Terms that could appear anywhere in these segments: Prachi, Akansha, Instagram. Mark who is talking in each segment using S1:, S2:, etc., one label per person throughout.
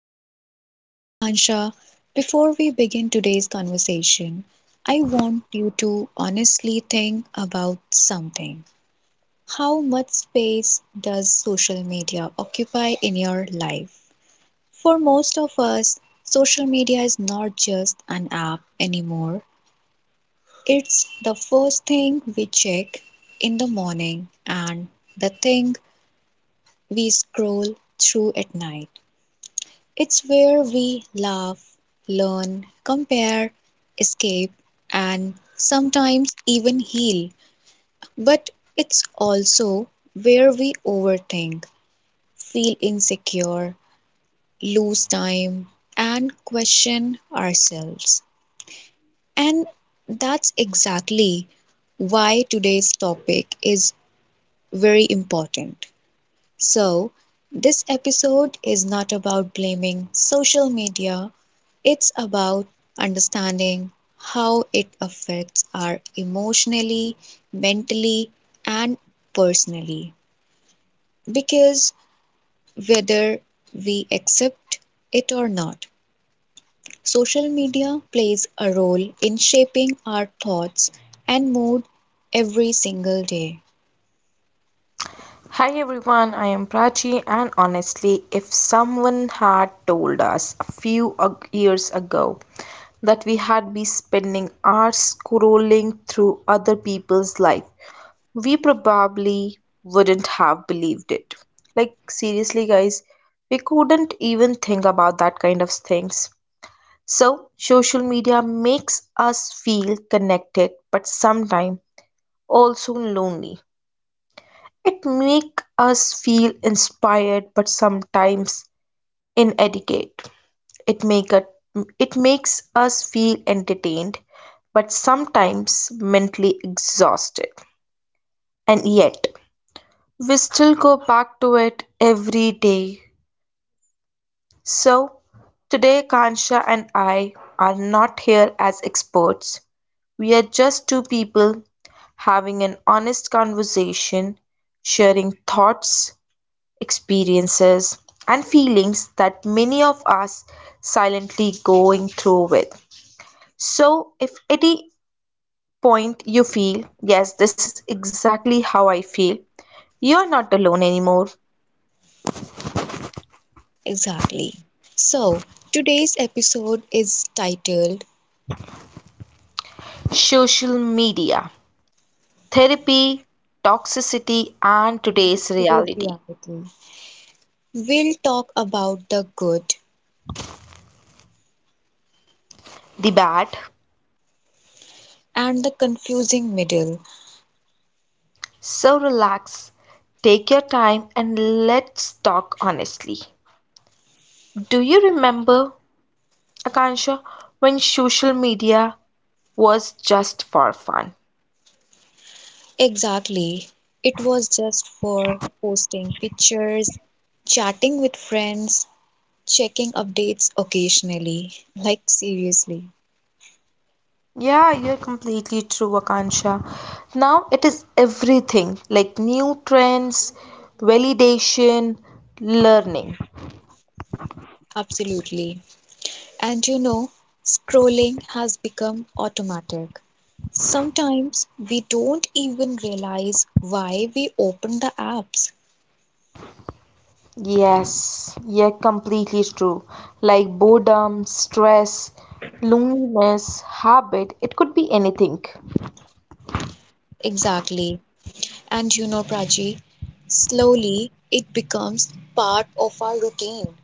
S1: podcast. I'm Akansha. Before we begin today's conversation, I want you to honestly think about something. How much space does social media occupy in your life? For most of us, social media is not just an app anymore, it's the first thing we check in the morning and the thing we scroll through at night. It's where we laugh, learn, compare, escape, and sometimes even heal. But it's also where we overthink, feel insecure, lose time, and question ourselves. And that's exactly why today's topic is very important. So, this episode is not about blaming social media. It's about understanding how it affects our emotionally, mentally, and personally. Because whether we accept it or not, social media plays a role in shaping our thoughts and mood every single day.
S2: Hi everyone, I am Prachi, and honestly, if someone had told us years ago that we had be spending hours scrolling through other people's life, we probably wouldn't have believed it. Like, seriously, guys, we couldn't even think about that kind of things. So, social media makes us feel connected, but sometimes also lonely. It make us feel inspired but sometimes inadequate. It make a, it makes us feel entertained but sometimes mentally exhausted. And yet, we still go back to it every day. So, today Kansha and I are not here as experts. We are just two people having an honest conversation, sharing thoughts, experiences, and feelings that many of us silently going through with. So, if any point you feel, yes, this is exactly how I feel, you are not alone anymore.
S1: Exactly. So, today's episode is titled
S2: Social media, therapy, toxicity, and today's
S1: Today's
S2: reality.
S1: Reality. We'll talk about the good
S2: The bad.
S1: and the confusing middle.
S2: So, relax, take your time, and let's talk honestly. Do you remember, Akansha, when social media was just for fun?
S1: Exactly. It was just for posting pictures, chatting with friends, checking updates occasionally. Like, seriously.
S2: Yeah, you're completely true, Akansha. Now it is everything like new trends, validation, learning.
S1: Absolutely. And you know, scrolling has become automatic. Sometimes we don't even realize why we open the apps.
S2: Yes, you're completely true. Like boredom, stress, loneliness, habit, it could be anything.
S1: Exactly. And you know, Prachi, slowly it becomes part of our routine.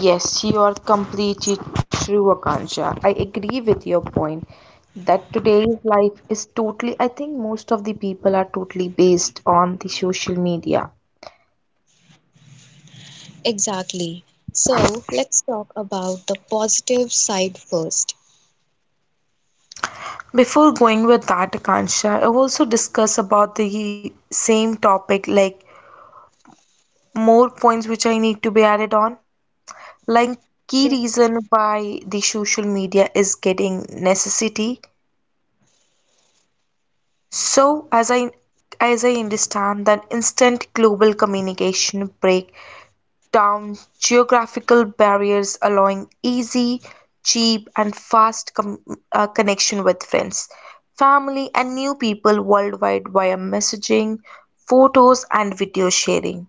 S2: Yes, you are completely true, Akansha. I agree with your point that today's life is totally, I think most of the people are totally based on the social media.
S1: Exactly. So let's talk about the positive side first.
S2: Before going with that, Akansha, I also discuss about the same topic, like more points which I need to be added on. Like key
S1: Sure.
S2: reason why the social media is getting necessity. So as I understand that instant global communication break down geographical barriers, allowing easy, cheap, and fast connection with friends, family, and new people worldwide via messaging, photos, and video sharing.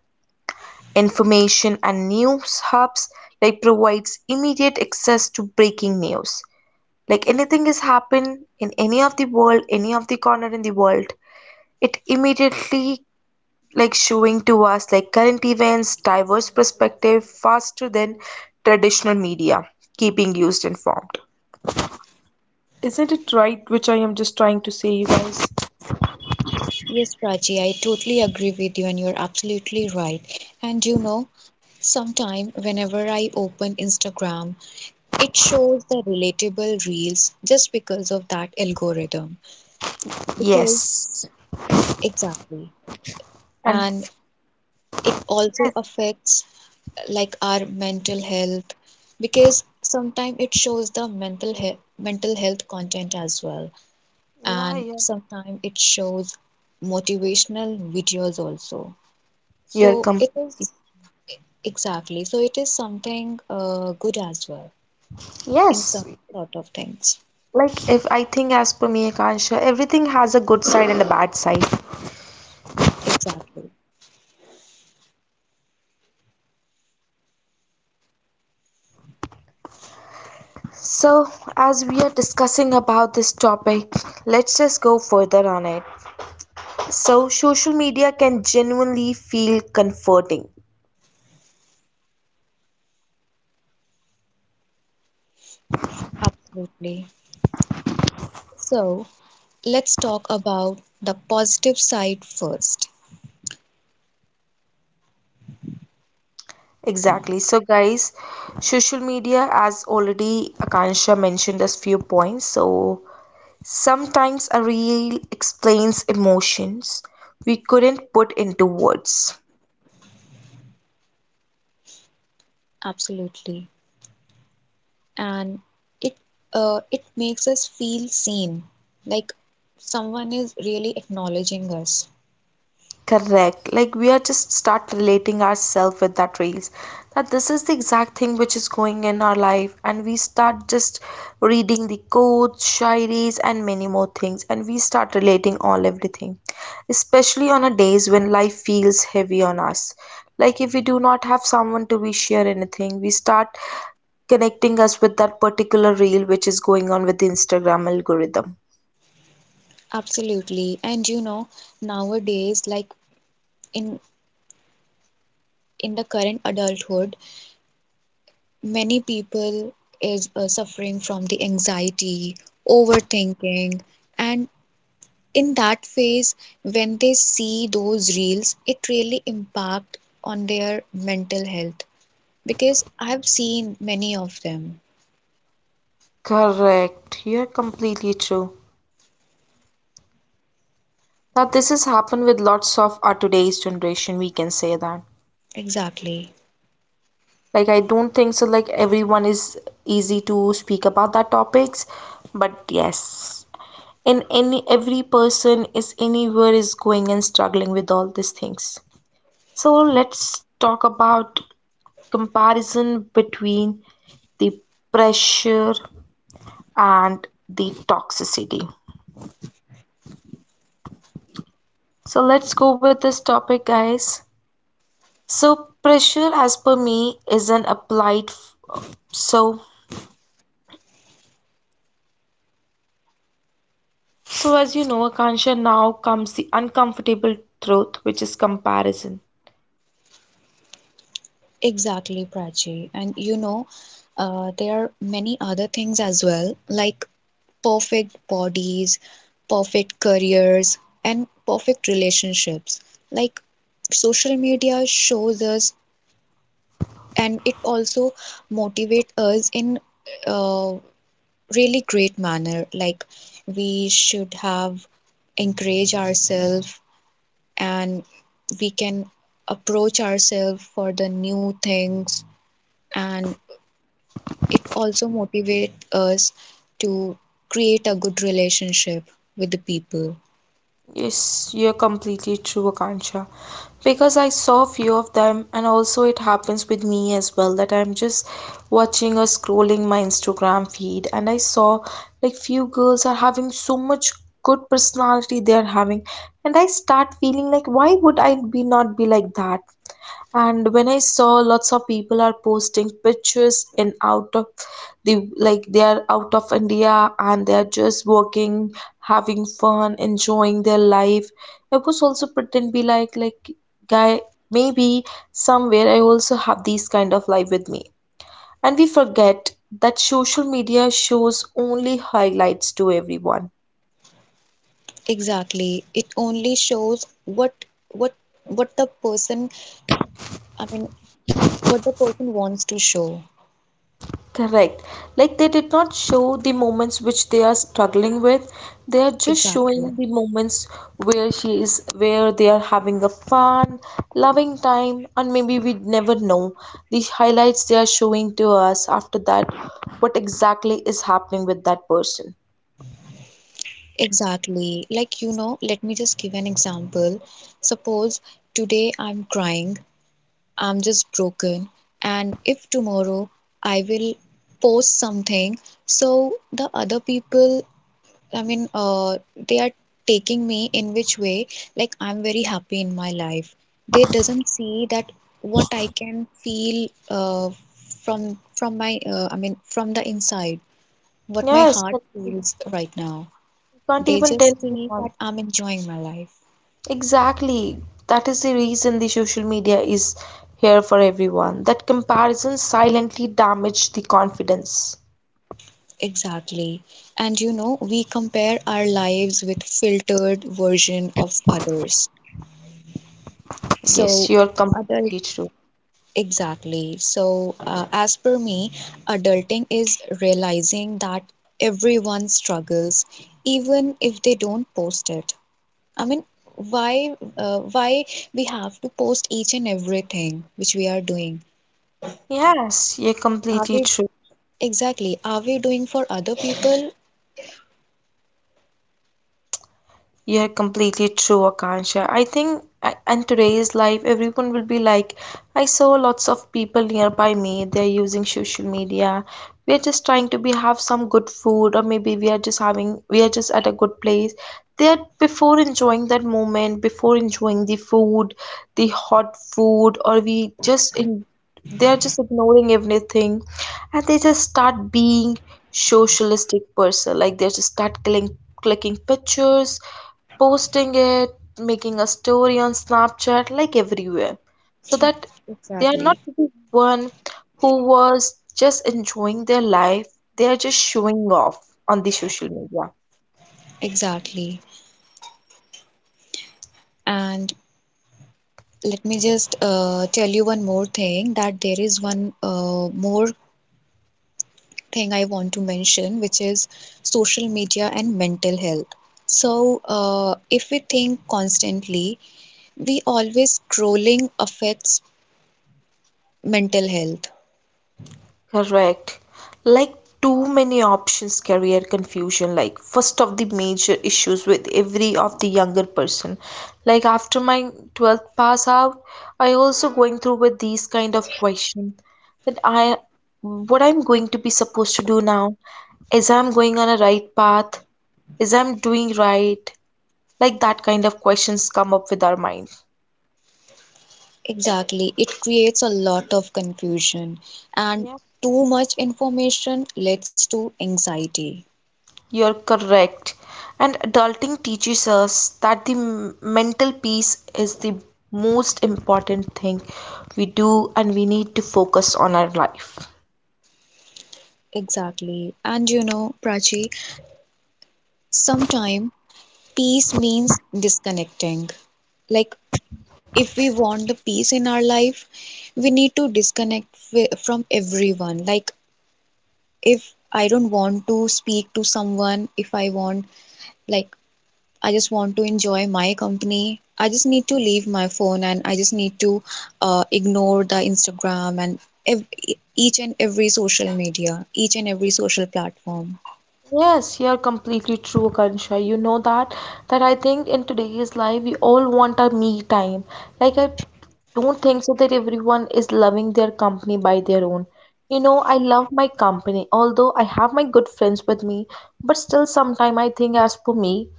S2: Information and news hubs like provides immediate access to breaking news. Like anything has happened in any of the world, any of the corner in the world, it immediately like showing to us like current events, diverse perspective faster than traditional media, keeping used informed. Isn't it right, which I am just trying to say, you guys?
S1: Yes, Prachi, I totally agree with you, and you're absolutely right. And you know, sometime whenever I open Instagram, it shows the relatable reels just because of that algorithm. Because,
S2: Yes.
S1: exactly.
S2: And
S1: And
S2: f-
S1: it also
S2: yes,
S1: affects like our mental health because sometimes it shows the mental health content as well,
S2: yeah,
S1: and
S2: yeah,
S1: sometimes it shows motivational videos also.
S2: you're
S1: So it is
S2: completely.
S1: exactly, so it is something good as well in
S2: Yes,
S1: some sort of things.
S2: if I think as per me, Akansha, everything has a good side and a bad side.
S1: Exactly,
S2: So, as we are discussing about this topic, let's just go further on it. So, social media can genuinely feel comforting.
S1: absolutely. So let's talk about the positive side first.
S2: Exactly. So, guys, social media, as already Akansha mentioned us few points. So, sometimes a reel explains emotions we couldn't put into words.
S1: Absolutely. And it it makes us feel seen, like someone is really acknowledging us.
S2: Correct. Like we are just start relating ourselves with that reels. That this is the exact thing which is going in our life, and we start just reading the quotes, shairis, and many more things, and we start relating all everything. Especially on a days when life feels heavy on us. Like if we do not have someone to we share anything, we start connecting us with that particular reel which is going on with the Instagram algorithm.
S1: Absolutely. And you know, nowadays, like in in the current adulthood, many people is suffering from the anxiety, overthinking, and in that phase, when they see those reels, it really impact on their mental health because I've seen many of them.
S2: Correct. You're completely true. Now this has happened with lots of our today's generation, we can say that.
S1: Exactly,
S2: Like I don't think so like everyone is easy to speak about that topics, but yes. In any every person is anywhere is going and struggling with all these things. So let's talk about comparison between the pressure and the toxicity. So let's go with this topic, guys. So pressure, as per me, is an applied. So as you know, Akansha, now comes the uncomfortable truth, which is comparison.
S1: exactly, Prachi. And you know, there are many other things as well, like perfect bodies, perfect careers, and perfect relationships. Like social media shows us, and it also motivates us in a really great manner. Like we should have encourage ourselves and we can approach ourselves for the new things and it also motivates us to create a good relationship with the people.
S2: Yes, you're completely true, Akansha. Because I saw few of them, and also it happens with me as well that I'm just watching or scrolling my Instagram feed, and I saw like few girls are having so much good personality they are having, and I start feeling like why would I be not be like that? And when I saw lots of people are posting pictures in out of the, like they are out of India and they are just working, having fun, enjoying their life, I was also pretend be like guy, maybe somewhere I also have these kind of life with me. And we forget that social media shows only highlights to everyone.
S1: Exactly. It only shows what what the person, I mean, what the person wants to show.
S2: Correct. Like they did not show the moments which they are struggling with. They are just
S1: Exactly.
S2: showing the moments where she is, where they are having a fun, loving time, and maybe we'd never know. These highlights they are showing to us, after that, what exactly is happening with that person.
S1: Exactly. Like, you know, let me just give an example. Suppose today I'm crying, I'm just broken, and if tomorrow I will post something, so the other people I mean, uh, they are taking me in which way, like I'm very happy in my life. They doesn't see that what I can feel from my I mean from the inside, what my
S2: Yes,
S1: heart
S2: but you
S1: feels right now.
S2: can't
S1: They
S2: even tell
S1: just see
S2: anyone.
S1: that I'm enjoying my life.
S2: Exactly. That is the reason the social media is here for everyone. That comparison silently damage the confidence.
S1: Exactly. And you know, we compare our lives with filtered version of others.
S2: Yes,
S1: So
S2: you're completely
S1: other
S2: true.
S1: exactly. So, as per me, adulting is realizing that everyone struggles, even if they don't post it. I mean, why, why we have to post each and everything which we are doing?
S2: Yes, you're
S1: Are
S2: completely
S1: we
S2: true.
S1: exactly? Are we doing for other people?
S2: You're completely true, Akansha. I think in today's life, everyone will be like, I saw lots of people nearby me. They're using social media. We're just trying to be have some good food, or maybe we are just having, we are just at a good place. They are before enjoying that moment, before enjoying the food, the hot food, or we just in, they're just ignoring everything and they just start being socialistic person, like they just start clicking pictures, posting it, making a story on Snapchat like everywhere. So that they are not
S1: Exactly.
S2: the one who was just enjoying their life, they are just showing off on the social media.
S1: Exactly. And let me just tell you one more thing, that there is one more thing I want to mention, which is social media and mental health. So, if we think constantly, we always scrolling affects mental health.
S2: Correct. Like too many options career confusion, like first of the major issues with every of the younger person. Like after my 12th pass out, I also going through with these kind of question that I what I'm going to be supposed to do now, is I'm going on a right path, is I'm doing right, like that kind of questions come up with our mind.
S1: Exactly, it creates a lot of confusion, and too much information leads to anxiety.
S2: You're correct. And adulting teaches us that mental peace is the most important thing we do, and we need to focus on our life.
S1: Exactly, and you know, Prachi, sometimes peace means disconnecting. Like if we want the peace in our life, we need to from everyone. Like, if I don't want to speak to someone, if I want, like, I just want to enjoy my company, I just need to leave my phone and I just need to ignore the Instagram and each and every social media, each and every social platform.
S2: Yes, you're completely true, Akansha. You know that I think in today's life we all want our me time. Like I don't think so that everyone is loving their company by their own. You know, I love my company, although I have my good friends with me, but still sometime I think as for me,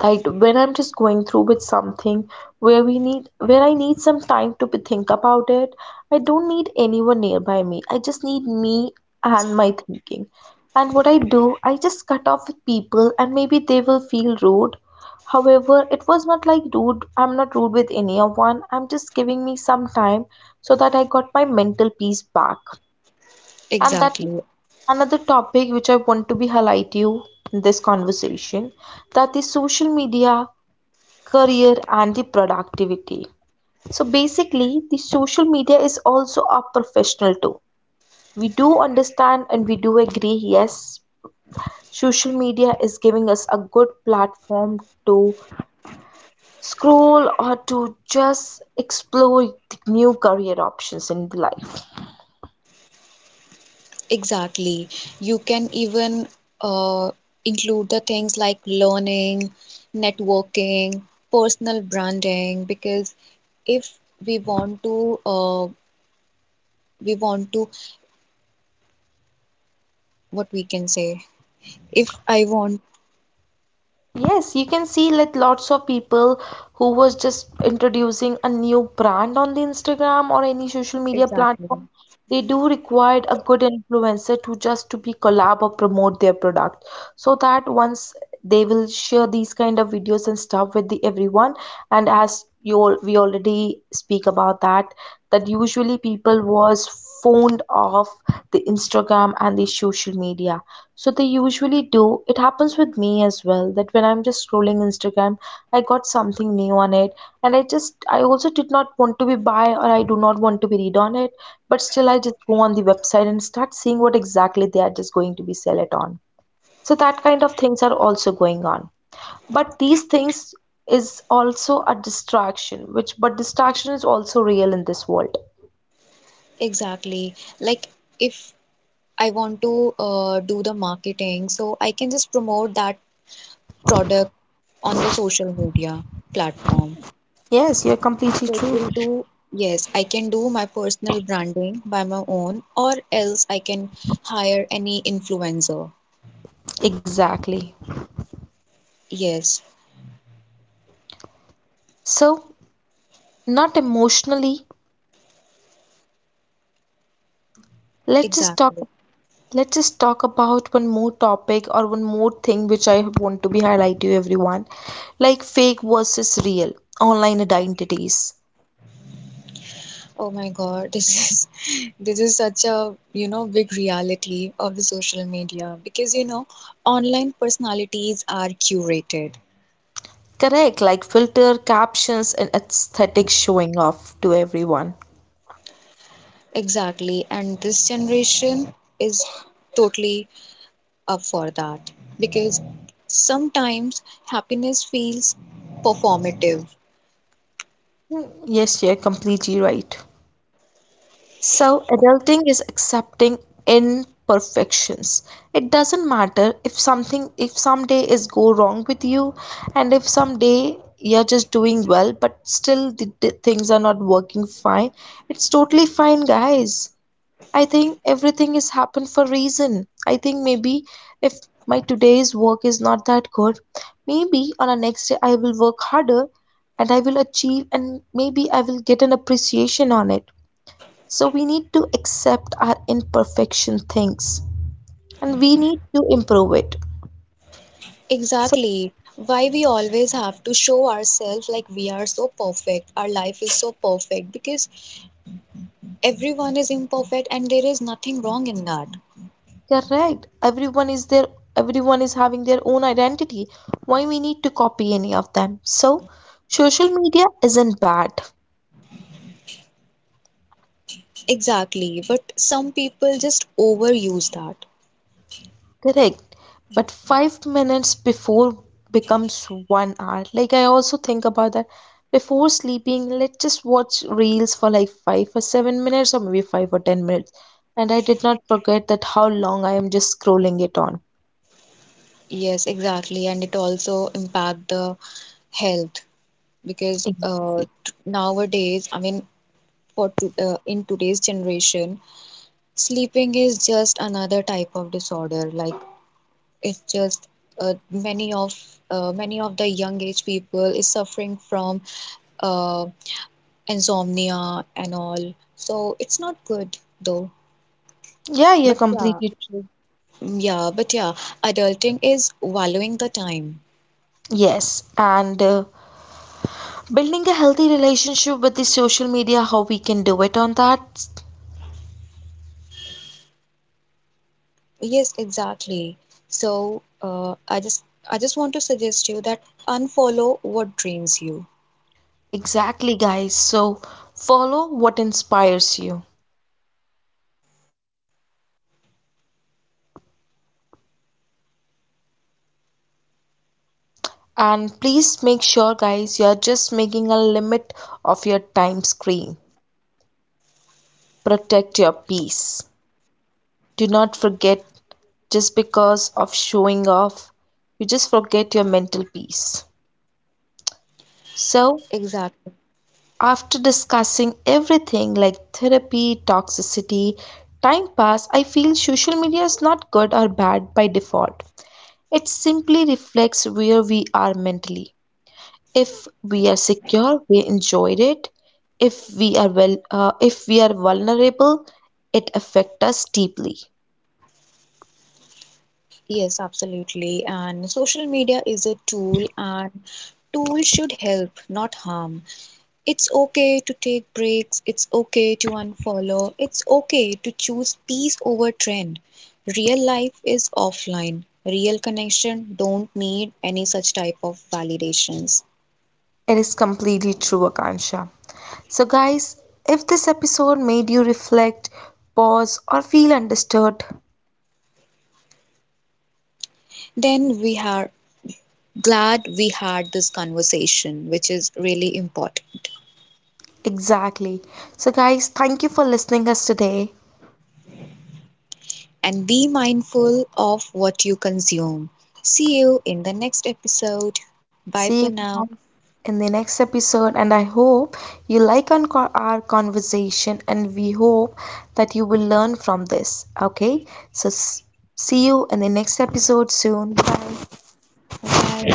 S2: that when I'm just going through with something where we need where I need some time to think about it, I don't need anyone nearby me, I just need me and my thinking. And what I do, I just cut off with people and maybe they will feel rude, however it was not like rude, I'm not rude with any of one, I'm just giving me some time so that I got my mental peace back. And that is
S1: Exactly.
S2: another topic which I want to be highlight you in this conversation, that is social media, career and the productivity. So basically, the social media is also a professional tool. We do understand and we do agree, yes, social media is giving us a good platform to scroll or to just explore the new career options in the life.
S1: Exactly. You can even uh, include the things like learning, networking, personal branding, because if we want to, we want to, what we can say, if I want,
S2: Yes, you can see like lots of people who was just introducing a new brand on the Instagram or any social media
S1: exactly.
S2: platform. They do require a good influencer to just to be collab or promote their product. So that once they will share these kind of videos and stuff with the everyone. And as you all, we already speak about that, that usually people was fond of the Instagram and the social media, so they usually do, it happens with me as well, that when I'm just scrolling Instagram, I got something new on it and I also did not want to be buy or I do not want to be read on it, but still I just go on the website and start seeing what exactly they are just going to be sell it on. So that kind of things are also going on, but these things is also a distraction, which, but distraction is also real in this world.
S1: Exactly. Like if I want to do the marketing, so I can just promote that product on the social media platform.
S2: Yes, you're completely
S1: So it
S2: true.
S1: will do, yes, I can do my personal branding by my own, or else I can hire any influencer.
S2: Exactly.
S1: Yes,
S2: So, not emotionally, let's just talk
S1: exactly.
S2: let's just talk about one more topic or one more thing which I want to be highlight to everyone, like fake versus real, online identities.
S1: Oh my God, this is this is such a, you know, big reality of the social media because, you know, online personalities are curated.
S2: Correct, like filter, captions, and aesthetic showing off to everyone.
S1: Exactly, and this generation is totally up for that because sometimes happiness feels performative.
S2: Yes, you're completely right. So, adulting is accepting imperfections. It doesn't matter if something, if someday is go wrong with you, and if someday you're just doing well, but still the things are not working fine. It's totally fine, guys. I think everything is happened for reason. I think maybe if my today's work is not that good, maybe on a next day I will work harder and I will achieve and maybe I will get an appreciation on it. So we need to accept our imperfection things and we need to improve it. So
S1: Exactly. Why we always have to show ourselves like we are so perfect, our life is so perfect, because everyone is imperfect and there is nothing wrong in that.
S2: correct, everyone is there, everyone is having their own identity, why we need to copy any of them? So social media isn't bad.
S1: Exactly. But some people just overuse that.
S2: Correct. But 5 minutes before becomes 1 hour. Like I also think about that. Before sleeping, let's just watch reels for like 5 or 7 minutes or maybe 5 or 10 minutes. And I did not forget that how long I am just scrolling it on.
S1: Yes, exactly. And it also impact the health because
S2: Ex-
S1: nowadays, in today's generation, sleeping is just another type of disorder. Like it's just uh, many of many of the young age people is suffering from uh, insomnia and all, so it's not good though,
S2: Yeah, you're
S1: but yeah.
S2: completely true.
S1: Yeah, but yeah, adulting is valuing the time.
S2: Yes, and building a healthy relationship with the social media, how we can do it on that?
S1: Yes, exactly. So I just want to suggest you that unfollow what drains you.
S2: Exactly, guys. So follow what inspires you. And please make sure, guys, you are just making a limit of your time screen. Protect your peace. Do not forget, just because of showing off, you just forget your mental peace. So,
S1: Exactly,
S2: after discussing everything like therapy, toxicity, time pass, I feel social media is not good or bad by default. It simply reflects where we are mentally. If we are secure we enjoyed it, if we are well if we are vulnerable, it affects us deeply.
S1: yes, absolutely. And social media is a tool, and tool should help not harm. It's okay to take breaks, it's okay to unfollow, it's okay to choose peace over trend. Real life is offline. Real connection don't need any such type of validations.
S2: It is completely true, Akansha. So guys, if this episode made you reflect, pause or feel understood,
S1: Then we are glad we had this conversation, which is really important.
S2: exactly, so guys, thank you for listening us today.
S1: And be mindful of what you consume. See you in the next episode. Bye for
S2: See you
S1: now.
S2: guys in the next episode, and I hope you like on our conversation, and we hope that you will learn from this. Okay, so see you in the next episode soon. Bye.
S1: Bye bye.